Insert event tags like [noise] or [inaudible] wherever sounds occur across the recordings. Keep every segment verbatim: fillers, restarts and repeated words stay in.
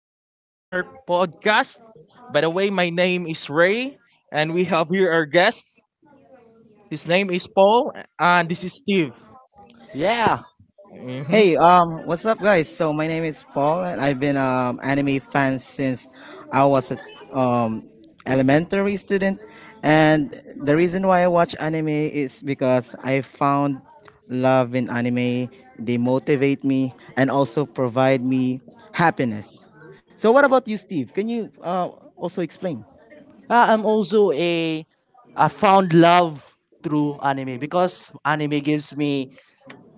Welcome to our podcast. By the way, my name is Ray, and we have here our guest. His name is Paul, and this is Steve. Yeah, hmm Hey, um, what's up, guys? So my name is Paul, and I've been um anime fan since I was a um elementary student. And the reason why I watch anime is because I found love in anime. They motivate me and also provide me happiness. So what about you, Steve? Can you uh, also explain? uh, I'm also a I found love through anime because anime gives me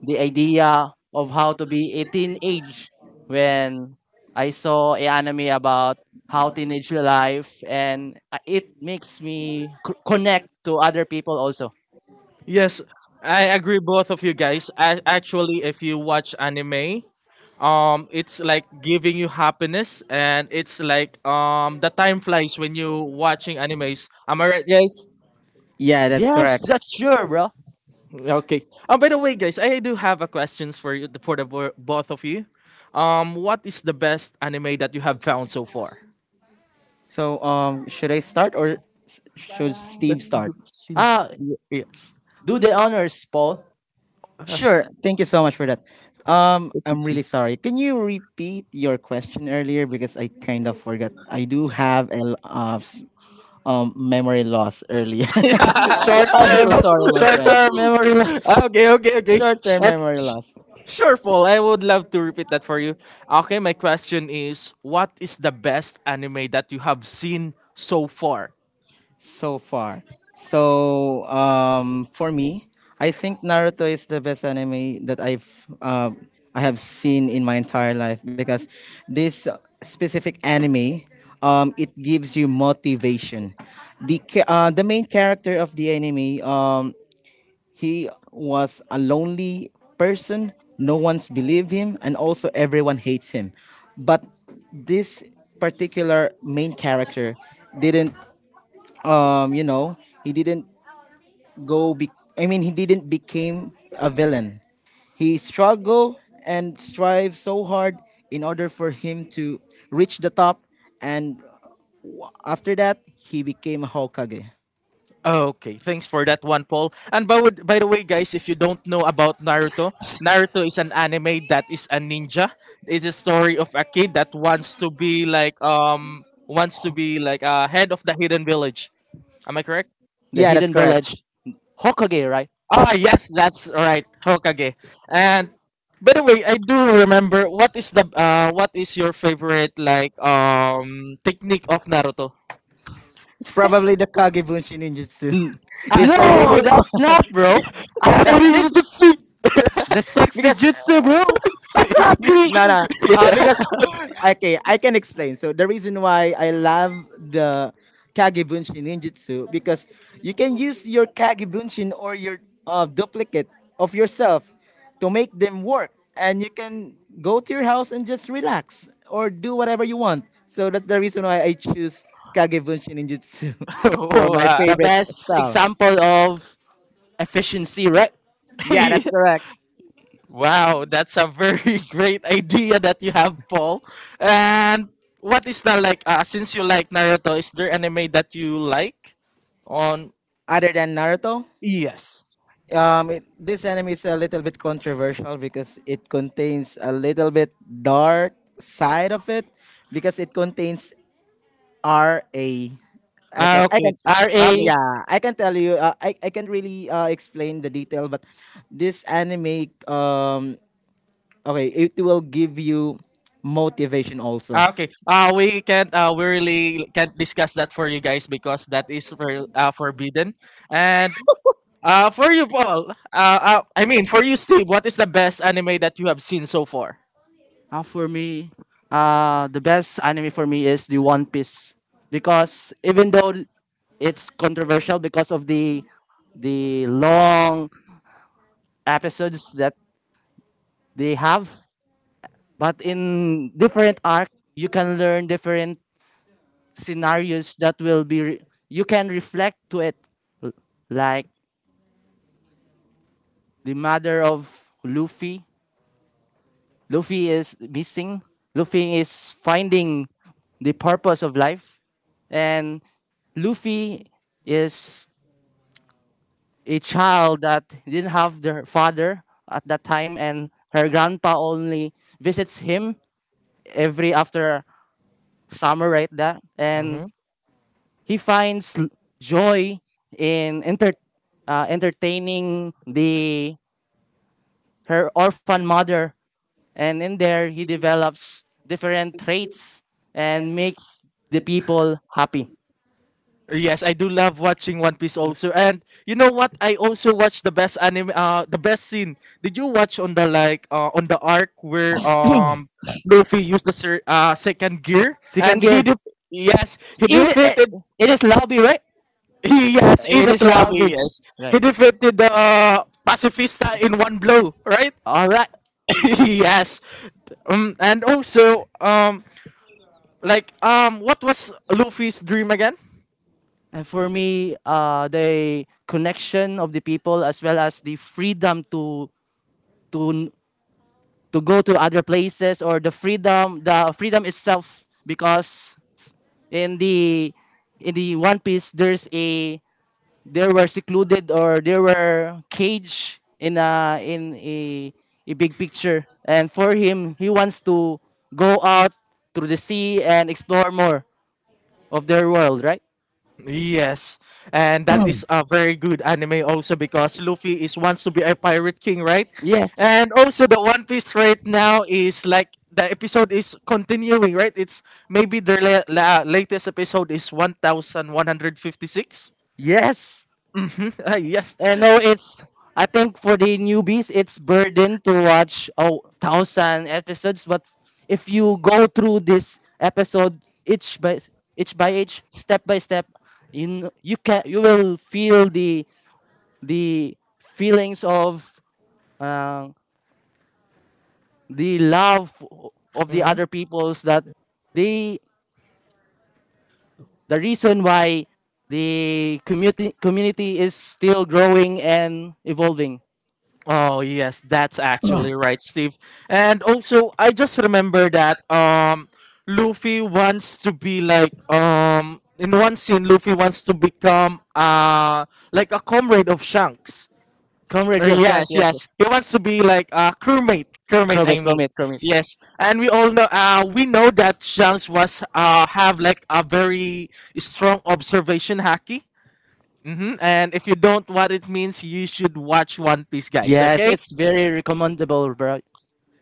the idea of how to be a teenage when I saw a anime about how teenage life and uh, it makes me c- connect to other people also. Yes, I agree, both of you guys. I, actually, if you watch anime, um, it's like giving you happiness, and it's like um, the time flies when you watching animes. Am I right, guys? Yeah, that's Yes, correct. that's sure, bro. Okay. Oh, by the way, guys, I do have a questions for you for the bo- both of you. Um, what is the best anime that you have found so far? So um, should I start or s- should That Steve start? you've seen. s- Uh Oh, y- Yes. do the honors, Paul. Uh, Sure. that Thank you so much for that. Um, you've I'm really seen. sorry. Can you repeat your question earlier because I kind of forgot. I do have a l- uh, s- um memory loss earlier. Short [laughs] I'm term, so sorry, my short friend. term memory. lo- [laughs] okay, okay, okay. Sure. Short-term Okay. memory loss. Sure, Paul. I would love to repeat that for you. Okay, my question is, what is the best anime that you have seen so far? So far. So um, for me, I think Naruto is the best anime that I've uh, I have seen in my entire life because this specific anime, um, it gives you motivation. The ca- uh, the main character of the anime, um, he was a lonely person. No one's believe him, and also everyone hates him. But this particular main character didn't um you know he didn't go be- I mean he didn't became a villain. He struggled and strived so hard in order for him to reach the top, and after that he became a hokage. Okay, thanks for that one, Paul. And by, would- by the way, guys, if you don't know about Naruto, Naruto is an anime that is a ninja. It's a story of a kid that wants to be like um wants to be like a uh, head of the hidden village. Am I correct? The Yeah, that's Hidden correct. Village, Hokage, right? Ah, yes, that's right, Hokage. And by the way, I do remember what is the uh what is your favorite like um technique of Naruto? It's probably the kage bunshin ninjutsu. N- [laughs] Ah, It's a No, really, Kabu- that's not, bro. I think this Kaburijutsu. [laughs] the [laughs] sexy because... jutsu, bro. It's not the No, no. Uh, yeah. because, [laughs] okay, I can explain. So the reason why I love the Kagebunshin ninjutsu because you can use your Kagebunshin or your, uh, duplicate of yourself to make them work, and you can go to your house and just relax or do whatever you want. So that's the reason why I choose Kagebunshin ninjutsu [laughs] for my Wow. the favorite best style. example of efficiency, right? Yeah, that's [laughs] correct. Wow, that's a very [laughs] great idea that you have, Paul. And what is the like? Uh, since you like Naruto, is there anime that you like? On Other than Naruto, yes. Um, it, this anime is a little bit controversial because it contains a little bit dark side of it because it contains R A. I Ah, can I can okay. Okay. R A. yeah, I can tell you, uh, I I can not really, uh, explain the detail, but this anime, um okay, it will give you motivation also. Ah, okay. [clears throat] Uh, we can't. Uh, we really can't discuss that for you guys because that is for, uh, forbidden. And uh, for you, Paul. Uh, uh, I mean, for you, Steve. What is the best anime that you have seen so far? Uh, for me, uh, the best anime for me is the One Piece because even though it's controversial because of the the long episodes that they have, but in different arc you can learn different scenarios that will be re- you can reflect to it. L- like the matter of Luffy. Luffy is missing. Luffy is finding the purpose of life, and Luffy is a child that didn't have their father at that time, and her grandpa only visits him every after summer, right? That, and he finds l- joy in enter, uh, entertaining the her orphan mother, and in there he develops different traits and makes the people happy. Yes, I do love watching One Piece also. And you know what? I also watch the best anime uh the best scene. Did you watch on the like uh on the arc where um Luffy used the sir, uh second gear Si and he Kangir, def- yes, he it, eh, defeated it is lobby, right? he yes, It is Inoslavi, lobby, yes. He right? defeated the uh, pacifista in one blow, right? All right. [laughs] Yes. Um and also um like um what was Luffy's dream again? And for me, uh, the connection of the people, as well as the freedom to to to go to other places, or the freedom the freedom itself, because in the in the One Piece, there's a there were secluded, or there were cage in a in a, a big picture, and for him, he wants to go out through the sea and explore more of their world, right? Yes, and that is a very good anime also because Luffy is wants to be a pirate king, right? Yes, And also the One Piece right now is like the episode is continuing, right? It's maybe the la- la- latest episode is one thousand one hundred fifty six. yes. Mm-hmm. [laughs] Yes. I know it's. I think for the newbies, it's burden to watch oh thousand episodes. But if you go through this episode each by each by each, step by step, you kn- you can you will feel the the feelings of uh, the love of the other peoples that they the reason why the community community is still growing and evolving. Oh yes, that's actually right, Steve. And also, I just remember that um, Luffy wants to be like um, in one scene, Luffy wants to become uh like a comrade of Shanks. Comrade Uh, Rob, yes, yes, yes, yes. he wants to be like a crewmate. Crewmate, I Chromate, mean. chromate, chromate. Yes, and we all know. Uh, we know that Shanks was uh have like a very strong observation hacky. Mm-hmm. And if you don't what it means, you should watch One Piece, guys. Yes, Okay. it's very recommendable, bro.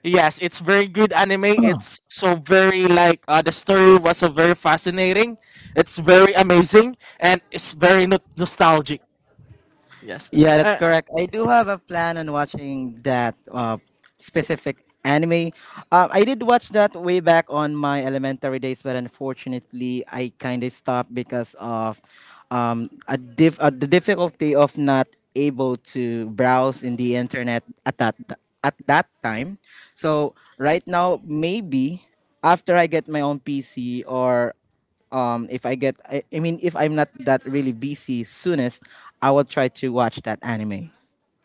Yes, it's very good anime. [coughs] It's so very like uh, the story was so very fascinating. It's very amazing and it's very no- nostalgic. Yes. Yeah, that's Uh, correct. I do have a plan on watching that, uh, specific anime. Uh, I did watch that way back on my elementary days, but unfortunately, I kind of stopped because of, um, a diff- uh, the difficulty of not able to browse in the internet at that, at that time. So right now, maybe after I get my own P C, or um if I get I, I mean if I'm not that really busy soonest, I will try to watch that anime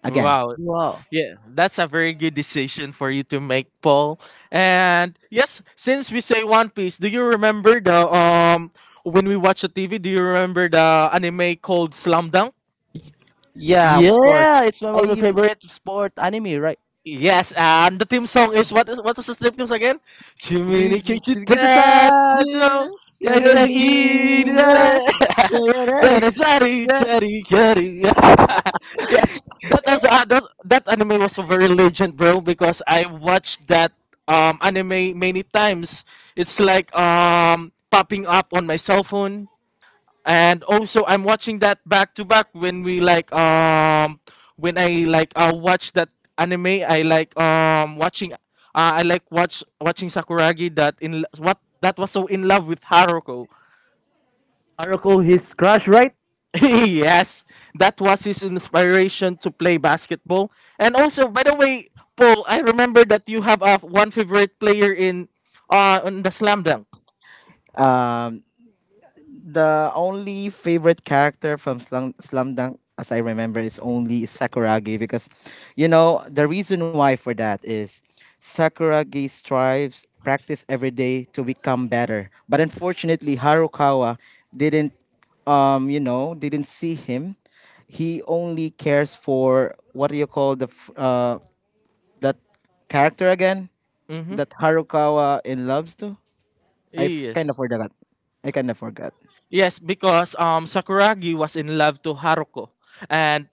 again. wow. Wow. Yeah, that's a very good decision for you to make, Paul. And yes, since we say One Piece, do you remember the um when we watch a T V? Do you remember the anime called Slam Dunk? Yeah, of course. Yeah, it's my one of my I- favorite sport anime, right? Yes, and the theme song is what? What was the theme song again? [laughs] Chimini It's a Kichitatsu. tattoo. Guys, like, [laughs] eat Karishita. that. [laughs] Yanazari That. Chari Kari. [laughs] Yes, that was uh, that, that anime was very legend, bro. Because I watched that um anime many times. It's like um popping up on my cell phone and also I'm watching that back to back when we like um when I like uh watch that anime I like um watching uh, I like watch watching Sakuragi that in what that was so in love with Haruko. Haruko, his crush, right? [laughs] Yes, that was his inspiration to play basketball. And also, by the way, Paul, I remember that you have a one favorite player in uh on the slam dunk. um the only favorite character from Slum, Slum Dunk, as I remember, is only Sakuragi because, you know, the reason why for that is Sakuragi strives, practice every day to become better. But unfortunately, Harukawa didn't, um, you know, didn't see him. He only cares for what do you call the f- uh that character again Mm-hmm. that Harukawa in loves to. I f- kind of Yes. forgot. I kind of forgot. Yes, because um Sakuragi was in love to Haruko. And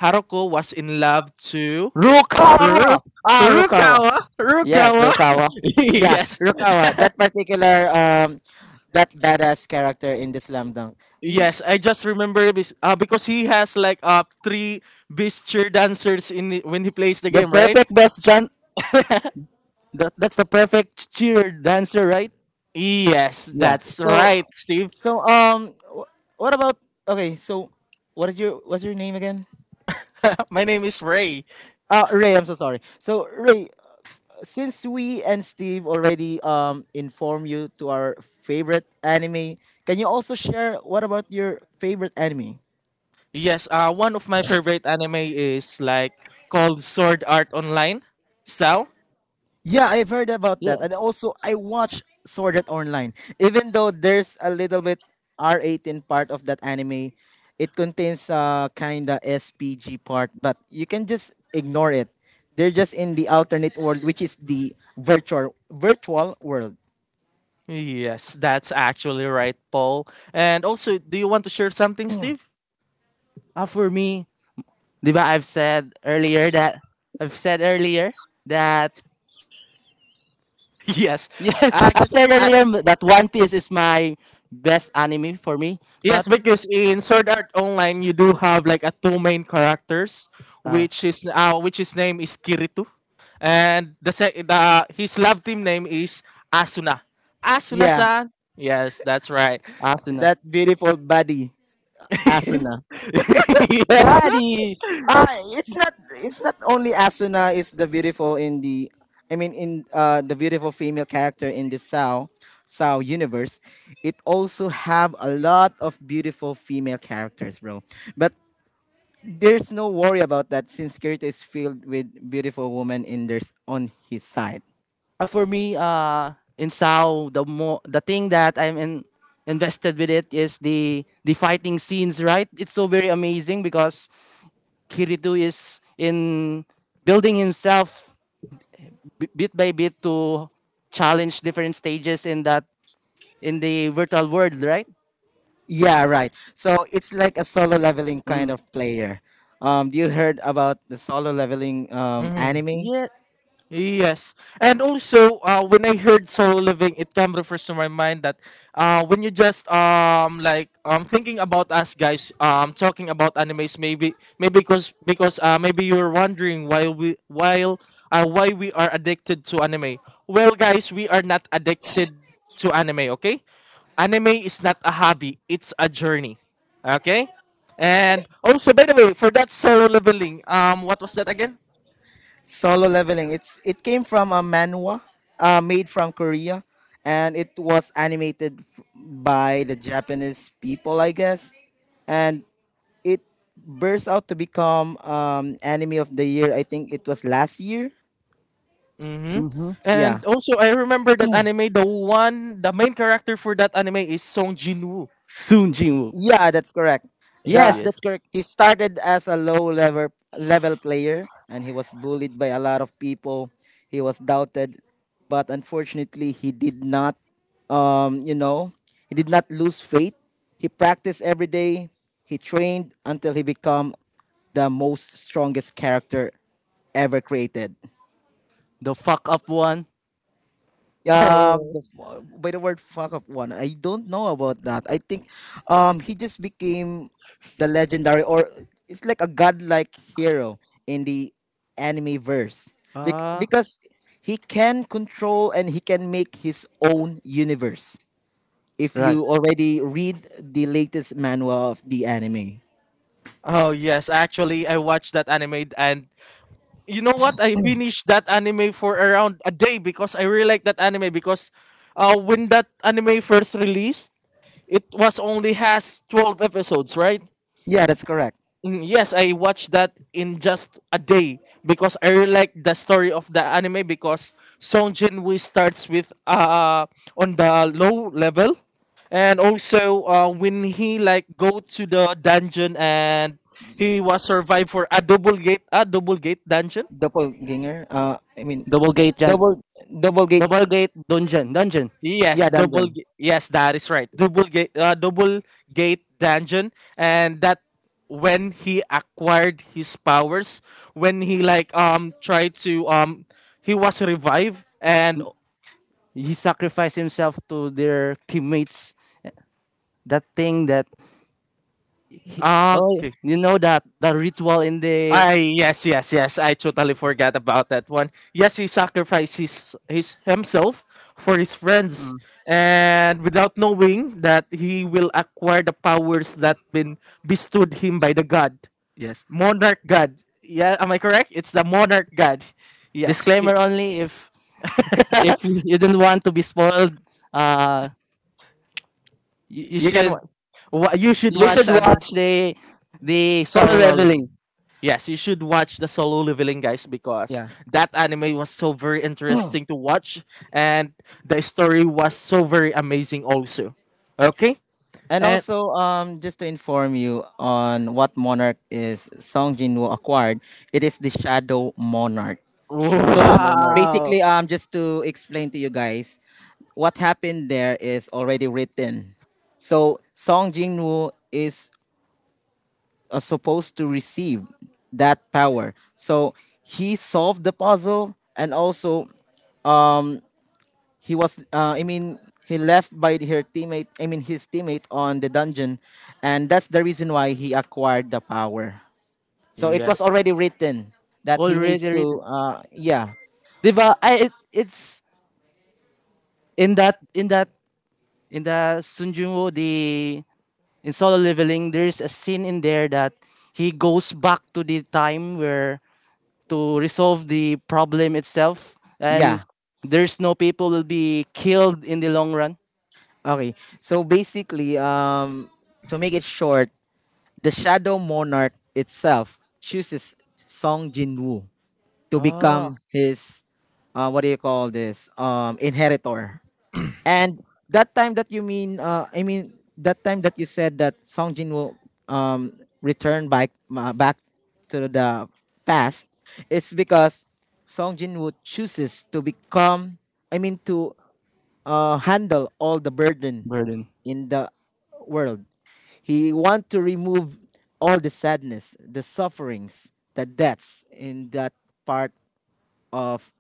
Haruko was in love to Rukawa. Ru- Ah, Harukawa. Rukawa. Yes, Rukawa. Rukawa. [laughs] Yeah, Yes. Rukawa, that particular, um that badass character in the slam dunk. He- Yes, I just remember this, uh, because he has like uh three beast cheer dancers in the- when he plays the The game, right? perfect best John. That, that's the perfect cheer dancer, right? Yes, Yeah. that's So right, Steve. so um wh- what about okay, so what is your what's your name again? [laughs] My name is Ray. Uh Ray, I'm so sorry. So Ray, since we and Steve already, um inform you to our favorite anime, can you also share what about your favorite anime? Yes, uh one of my favorite anime is like called Sword Art Online. So, Yeah, I've heard about that. Yeah. And also, I watch Sword Art Online. Even though there's a little bit R eighteen part of that anime, it contains a kind of S P G part, but you can just ignore it. They're just in the alternate world, which is the virtual virtual world. yes, that's actually right, Paul. And also, do you want to share something, Steve? [laughs] Ah, for me, di ba I've said earlier that I've said earlier that Yes. Yes, [laughs] I Actu- said earlier that One Piece is my best anime for me. Yes, But because in Sword Art Online you do have like a two main characters, uh, which is uh, which his name is Kirito, and the sec- the his love team name is Asuna. Yeah, Asuna-san. Yes, that's right. Asuna, that beautiful body, Asuna. [laughs] Yes. buddy. Ah, it's not it's not only Asuna is the beautiful in the, I mean in uh the beautiful female character in the Sao Sao universe. It also have a lot of beautiful female characters, bro. But there's no worry about that since Kirito is filled with beautiful women in their on his side. Uh, for me, uh, in Sao, the mo- the thing that I'm in- invested with it is the the fighting scenes. Right, it's so very amazing because Kirito is in building himself b- bit by bit to challenge different stages in that in the virtual world. Right. Yeah, right. So it's like a solo leveling kind Mm. of player. Um, do you heard about the solo leveling, um Why? anime? Yeah. Yes. And also, uh, when I heard solo living, it came refers to my mind that uh, when you just um like um thinking about us guys um talking about animes maybe maybe because because uh maybe you're wondering why we while uh, why we are addicted to anime. Well, guys, we are not addicted to anime. Okay, anime is not a hobby; it's a journey. Okay. And also, by the way, for that solo leveling, um, what was that again? Solo leveling. It's it came from a manhwa, uh, made from Korea, and it was animated, f- by the Japanese people, I guess, and it burst out to become, um, anime of the year. I think it was last year. Mm-hmm. Mm-hmm. Yeah. And also, I remember that anime. The one, the main character for that anime is Song Jinwoo. Soon Jinwoo. Yeah, that's correct. The Yes, that's Yes. correct. he started as a low level level player, and he was bullied by a lot of people. He was doubted, but unfortunately he did not, um, you know, he did not lose faith. He practiced every day. He trained until he became the most strongest character ever created. The fuck up one. um the fu- by the word fuck up one, I don't know about that. I think, um he just became the legendary or it's like a godlike hero in the anime verse. Bec- Ah, because he can control and he can make his own universe if right. you already read the latest manual of the anime. Oh yes, actually, I watched that anime, and you know what? I finished that anime for around a day because I really like that anime because, uh, when that anime first released, it was only has twelve episodes, right? Yeah, that's correct. Mm, yes, I watched that in just a day because I really like the story of the anime because Song Jin starts with uh on the low level and also uh, when he like go to the dungeon and he was survived for a double gate a double gate dungeon. Doppelganger, uh I mean Double gate Jan. double double gate, Double gate dungeon. Dungeon. Yes, yeah, double. dungeon. Ga- yes, that is right. Double gate, uh, double gate dungeon, and that when he acquired his powers, when he like um tried to um he was revived and He sacrificed himself to their teammates. That thing that. He, ah, oh, okay. you know that the ritual in the. I yes yes yes I totally forgot about that one. Yes, he sacrificed his his himself for his friends, Mm, and without knowing that he will acquire the powers that been bestowed him by the god. yes. Monarch god. Yeah, am I correct? It's the monarch god. Yes, you, Disclaimer only, if if you didn't want to be spoiled. Uh, you, you you can. should Wa- wa- You should You you watch should should an watch watch the the it. solo Solo leveling. leveling. Yes, you should watch the solo leveling guys because Yeah. that anime was so very interesting to watch and the story was so very amazing also. Okay, And and also, um, just to inform you on what monarch is Song Jinwoo acquired, it is the Shadow Monarch. [laughs] Shadow So Monarch. wow, basically, um, just to explain to you guys, what happened there is already written. So Song Jinwoo is, uh, supposed to receive that power. So he solved the puzzle, and also he was uh, i mean he left by her teammate I mean his teammate on the dungeon, and that's the reason why he acquired the power, so it was yes, already written that he needs Already to, written. uh, yeah. Diba? I, it, it's in that in that in the Sunjumo, the in solo leveling, there's a scene in there that he goes back to the time where to resolve the problem itself, and Yeah, there's no people will be killed in the long run. okay, so basically, um to make it short, the shadow monarch itself chooses Song Jinwoo to become Ah, his, uh, what do you call this, um inheritor. And that time that you mean, uh, I mean that time that you said that Song Jin will, um, return back, uh, back to the past. It's because Song Jin Woo chooses to become, I mean, to, uh, handle all the burden burden, in the world. He want to remove all the sadness, the sufferings, the deaths in that part of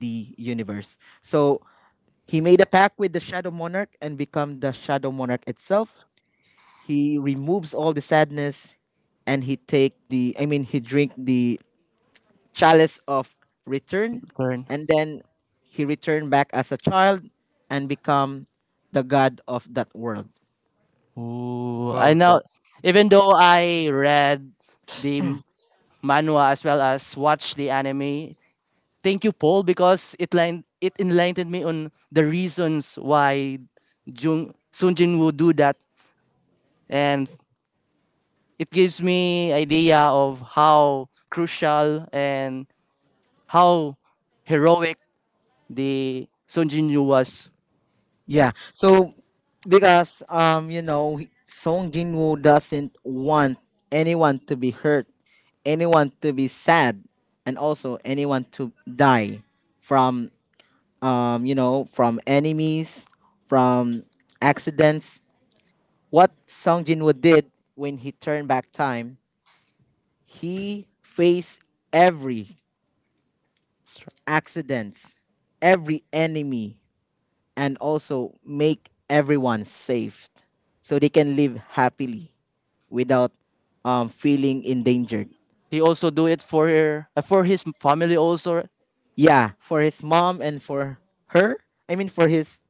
the universe. So he made a pact with the Shadow Monarch and become the Shadow Monarch itself. He removes all the sadness and he take the I mean he drink the chalice of return, burn. and then he returned back as a child and become the god of that world. Ooh, I wow, know. that's Even though I read the m- manhwa as well as watch the anime, thank you, Paul, because it line, it enlightened me on the reasons why Jung Sun Jin would do that, and it gives me idea of how crucial and how heroic the Sun Jin Woo was. Yeah. So because, um you know Song Jinwoo doesn't want anyone to be hurt, anyone to be sad, and also anyone to die from, um, you know, from enemies, from accidents. What Song Jinwoo did when he turned back time, he faced every accident, every enemy, and also make everyone safe, so they can live happily without, um, feeling endangered. He also do it for her, uh, for his family also, Yeah, for his mom and for her. I mean, for his,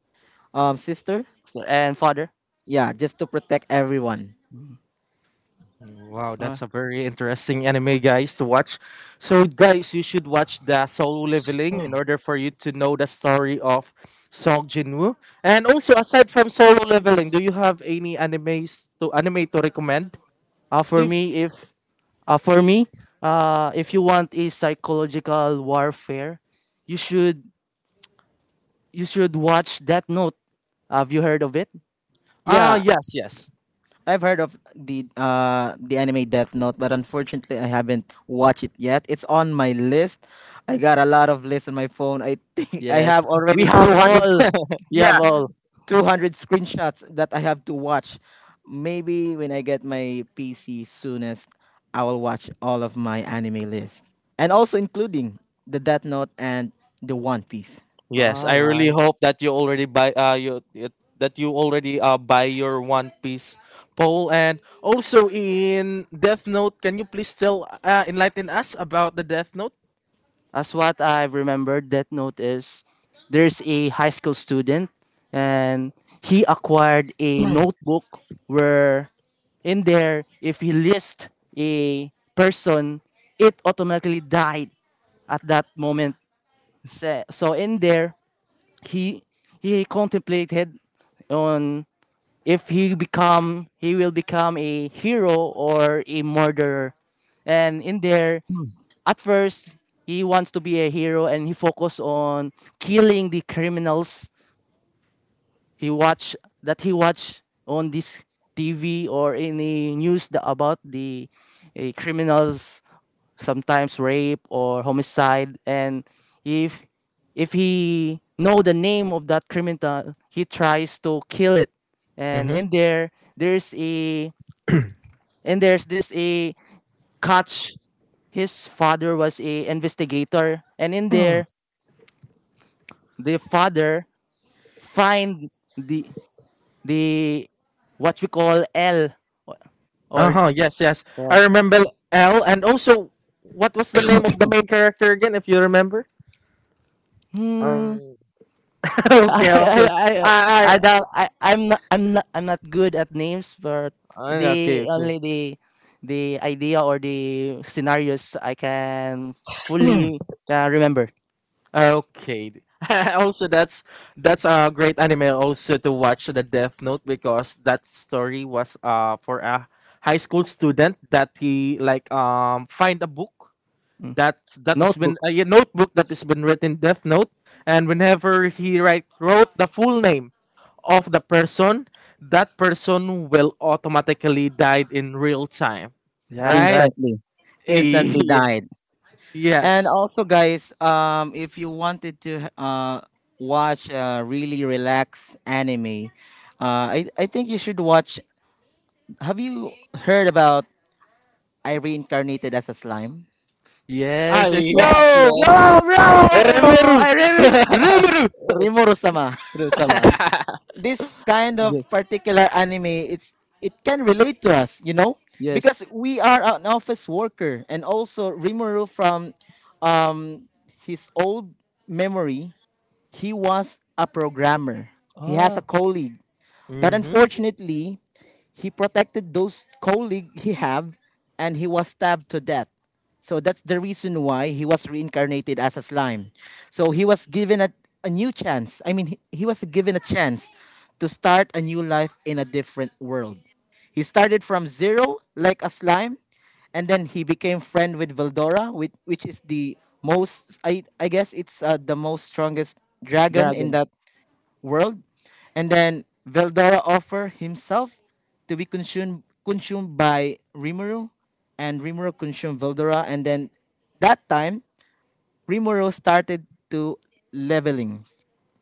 um, sister. and father. Yeah, just to protect everyone. Wow, Uh, that's a very interesting anime, guys, to watch. So, guys, you should watch the Solo Leveling in order for you to know the story of Song Jinwoo. And also, aside from Solo Leveling, do you have any animes to anime to recommend, uh, for Steve? me, if uh, for me, uh, if you want a psychological warfare, you should you should watch Death Note. Have you heard of it? Ah, Yeah, yes, yes, I've heard of the uh the anime Death Note, but unfortunately I haven't watched it yet. It's on my list. I got a lot of lists on my phone. I [laughs] think I Yes. have We already two have hundred all. We have yeah, all. two hundred screenshots that I have to watch. Maybe when I get my P C soonest, I will watch all of my anime list. And also including the Death Note and the One Piece. yes. All I really right. hope that you already buy uh you you- that you already uh buy your One Piece poll. And also in Death Note, can you please tell uh, enlighten us about the Death Note? As what I remember, Death Note is there's a high school student, and he acquired a notebook where in there, if he lists a person, it automatically died at that moment. So, so in there, he he contemplated on if he become he will become a hero or a murderer. And in there, at first, he wants to be a hero, and he focus on killing the criminals. he watch that he watch on this TV or any news, the, about the eh, criminals, sometimes rape or homicide. And if if he know the name of that criminal, he tries to kill it. And in there, there's a and there's this a catch. His father was a investigator, and in there, the father find the the what we call L, or, Uh or. huh. Yes, yes. I remember L, and also, what was the name of the main character again? If you remember. Hmm. Um. [laughs] I, Okay. I, Okay. I, I. I don't. I, I'm not, I'm not, I'm not good at names, but I. Uh, okay. the Okay. only the, the idea or the scenarios I can fully, uh, remember. Uh, okay. [laughs] also, that's that's a great anime also to watch the Death Note because that story was uh for a high school student that he like um find a book Mm. that's that has been Notebook. a notebook that has been written Death Note, and whenever he write, wrote the full name of the person, that person will automatically die in real time, Yeah, right? right. Instantly. Instantly Yeah. [laughs] died. Yes. And also, guys, um, if you wanted to, uh, watch a really relaxed anime, uh, I, I think you should watch. Have you heard about I Reincarnated as a Slime? Ah, Yes, it's what. yes, Yo! Yo, yes. bro! Remeru. I [laughs] remember. Remember. Rimuru sama. Ru- Sama. This kind of Yes, particular anime, it's it can relate to us, you know? yes. Because we are an office worker and also Rimuru from his old memory, he was a programmer. He has a Oh, colleague. But hmm unfortunately, he protected those colleagues he had, and he was stabbed to death. So that's the reason why he was reincarnated as a slime. So he was given a, a new chance. I mean, he, he was given a chance to start a new life in a different world. He started from zero like a slime and then he became friend with Veldora, with, which is the most I, I guess it's uh, the most strongest dragon in dragon. that world. And then Veldora offered himself to be consumed consumed by Rimuru, and Rimuru consumed Veldora. And then that time, Rimuru started to leveling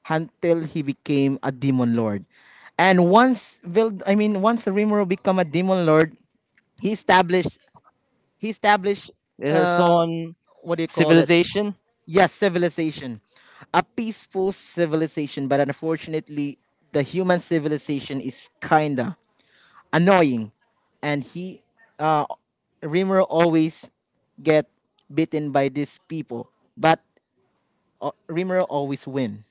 until he became a demon lord. And once Veld, I mean, once Rimuru become a demon lord, he established, he established There's on what do you call it? civilization. Yes, civilization, a peaceful civilization. But unfortunately, the human civilization is kinda annoying, and he, uh, Rimmer always get beaten by these people, but, uh, Rimmer always win.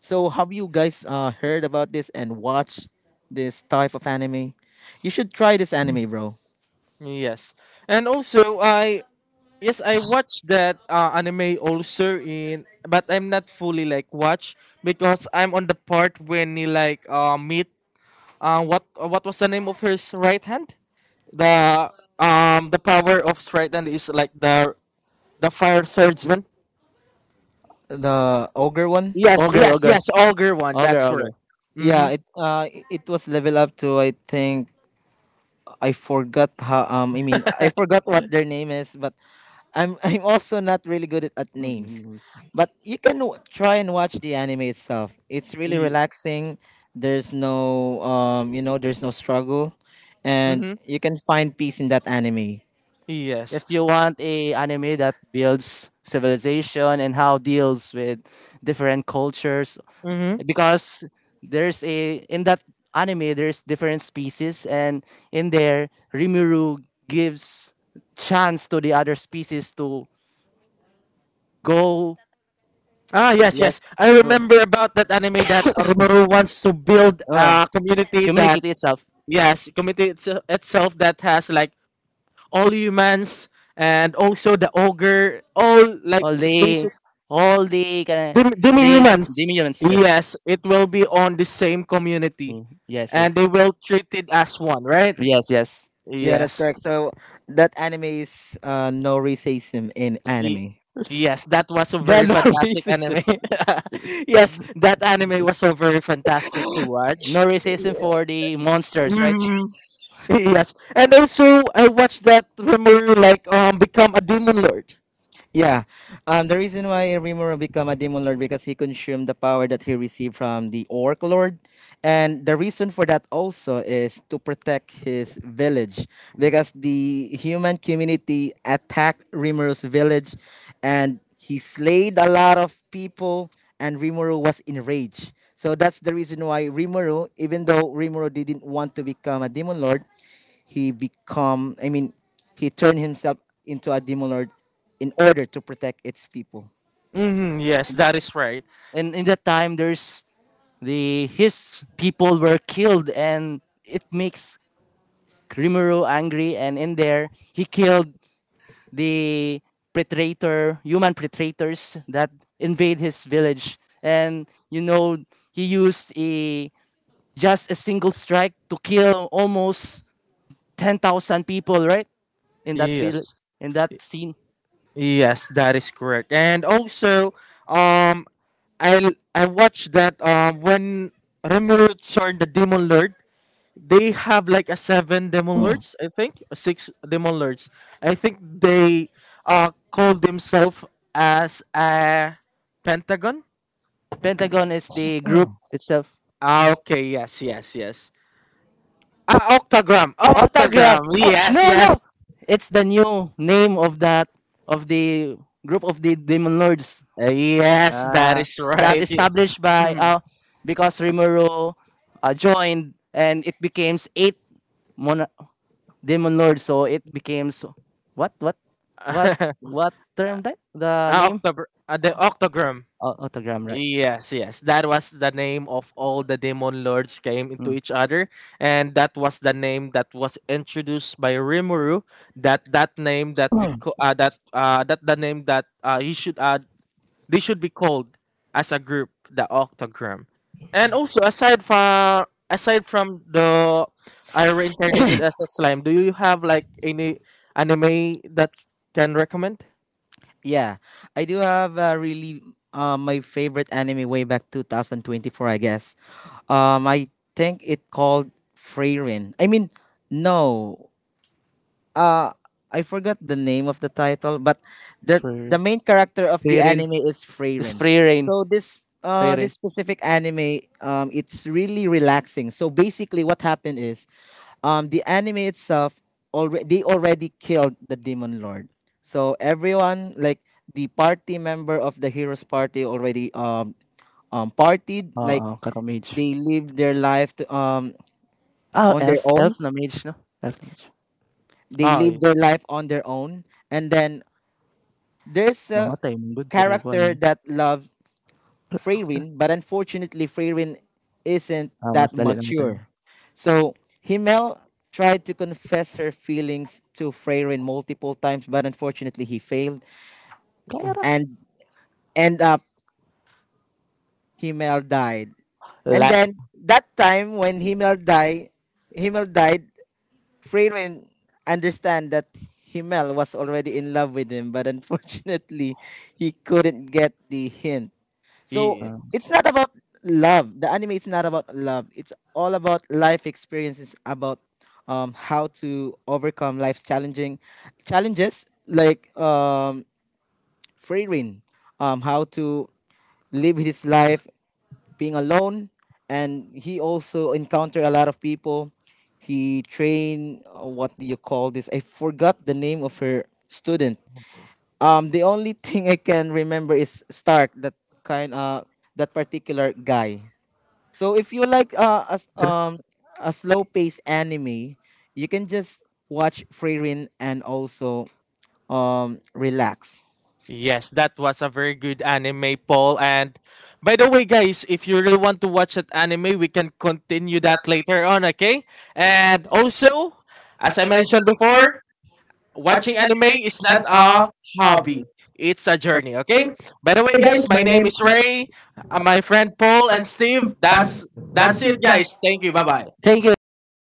So have you guys, uh, heard about this and watch this type of anime? You should try this anime, bro. Yes, and also I Yes, I watched that uh, anime also in, but I'm not fully like watch because I'm on the part when he like uh, meet uh, what uh, what was the name of his right hand? The um the power of his right hand is like the the fire swordsman. The ogre one. Yes, Ogre, yes, ogre, yes, ogre one. ogre, That's ogre. correct. Mm-hmm. Yeah, it uh i- it was level up to, I think. I forgot how, um I mean I forgot what their name is, but I'm [laughs] I'm also not really good at, at Mm, mm, names, mm. but you can, w- try and watch the anime itself. It's really relaxing. There's no um you know there's no struggle, and Mm-hmm. you can find peace in that anime. If Yes. you want a anime that builds civilization, and how deals with different cultures, Mm-hmm. because there's a in that anime there's different species, and in there, Rimuru gives chance to the other species to go. Ah, yes, yes. Yes, I uh, remember about that anime that Oromaru wants to build uh, a community that communicate itself. yes, committee itse- itself that has like all humans and also the ogre, all like all the, species, all the kind of demi the humans. demons, Yes, yes, it will be on the same community, yes, and they will treat it as one, right? yes, yes. Yeah, that's Yes. correct. So that anime is, uh, no racism in Y- anime. Yes, that was a The [laughs] very no fantastic racism. anime. [laughs] Yes, that anime was so very fantastic to watch. No racism for the monsters, right? Mm, [laughs] yes, and also I watched that Remoru like um become a demon lord. Yeah, um, the reason why Rimuru became a demon lord because he consumed the power that he received from the Orc Lord, and the reason for that also is to protect his village because the human community attacked Rimuru village and he slayed a lot of people and Rimuru was enraged. So that's the reason why Rimuru, even though Rimuru didn't want to become a demon lord, he become, I mean, he turned himself into a demon lord in order to protect its people. Hmm, yes, that is right. And in that time, there's the his people were killed, and it makes Rimuru angry. And in there, he killed the predator, human predators that invade his village. And you know, he used a just a single strike to kill almost ten thousand people, right? In that bill, Yes. in that Y- scene. Yes, that is correct. And also, um, I I watched that um when Remuruts are the Demon Lord, they have like a seven Demon Lords, I think, a six Demon Lords. I think they uh call themselves as a Pentagon. Pentagon is the group itself. Ah, okay, yes, yes, yes. Ah, octagram, Autograph. octagram. Oh, Yes, no, no. yes, It's the new name of that of the group of the Demon Lords, uh, yes. That uh, is that right. established by, uh, because Rimuru, uh, joined, and it becomes eight mon- Demon Lords. So it becomes what what what [laughs] what term, that the Ah, name. october, ah, the Octogram. Oh, autogram, right? Yes, yes. That was the name of all the demon lords came into Mm. each other, and that was the name that was introduced by Rimuru. That that name that we co- uh, that uh, that the name that uh, he should uh, they should be called as a group, the Octogram. And also aside from aside from the I Reincarnated as a Slime, do you have like any anime that can recommend? Yeah, I do have, uh, really, uh, my favorite anime way back twenty twenty-four, I guess. Um, I think it called Freyrin. I mean, no, uh I forgot the name of the title, but the Free, the main character of the free reign. anime is It's Freyrin. free reign. So this Free uh reign. this specific anime, um it's really relaxing. So basically what happened is, um the anime itself already they already killed the demon lord. So everyone like the party member of the heroes party already, um um partied like Oo, oh, mage. they live their life to, um Ah, on their elf. Elf own. na mage, no? Elf na mage. They Oh, yeah. live their life on their own, and then there's a Mamatay, mong good, pero ko alam. character that loves Freyrin, but unfortunately Freyrin isn't Ah, that mas balik nama time. mature. So Himmel tried to confess her feelings to Freyrin multiple times, but unfortunately he failed Tak payah lah. and end up Himmel died. And Like then that time when Himmel died, Himmel died, Freyrin understand that Himmel was already in love with him, but unfortunately he couldn't get the hint. So Ye- Ah. it's not about love. The anime, it's not about love. It's all about life experiences about, um how to overcome life's challenging challenges, like, um free reign, um how to live his life being alone, and he also encountered a lot of people. He trained, uh, what do you call this? I forgot the name of her student. Um, the only [laughs] thing I can remember is Stark, that kind, uh, that particular guy. So if you like, uh, a s- um a slow paced anime, you can just watch Free Rin and also, um relax. yes, that was a very good anime, Paul. And by the way, guys, if you really want to watch that anime, we can continue that later on, okay? And also, as I mentioned before, watching anime is not a hobby, it's a journey, okay? By the way, guys, my name is Ray, uh, my friend Paul and Steve. That's that's it, guys. Thank you. Bye bye. Thank you, thank you.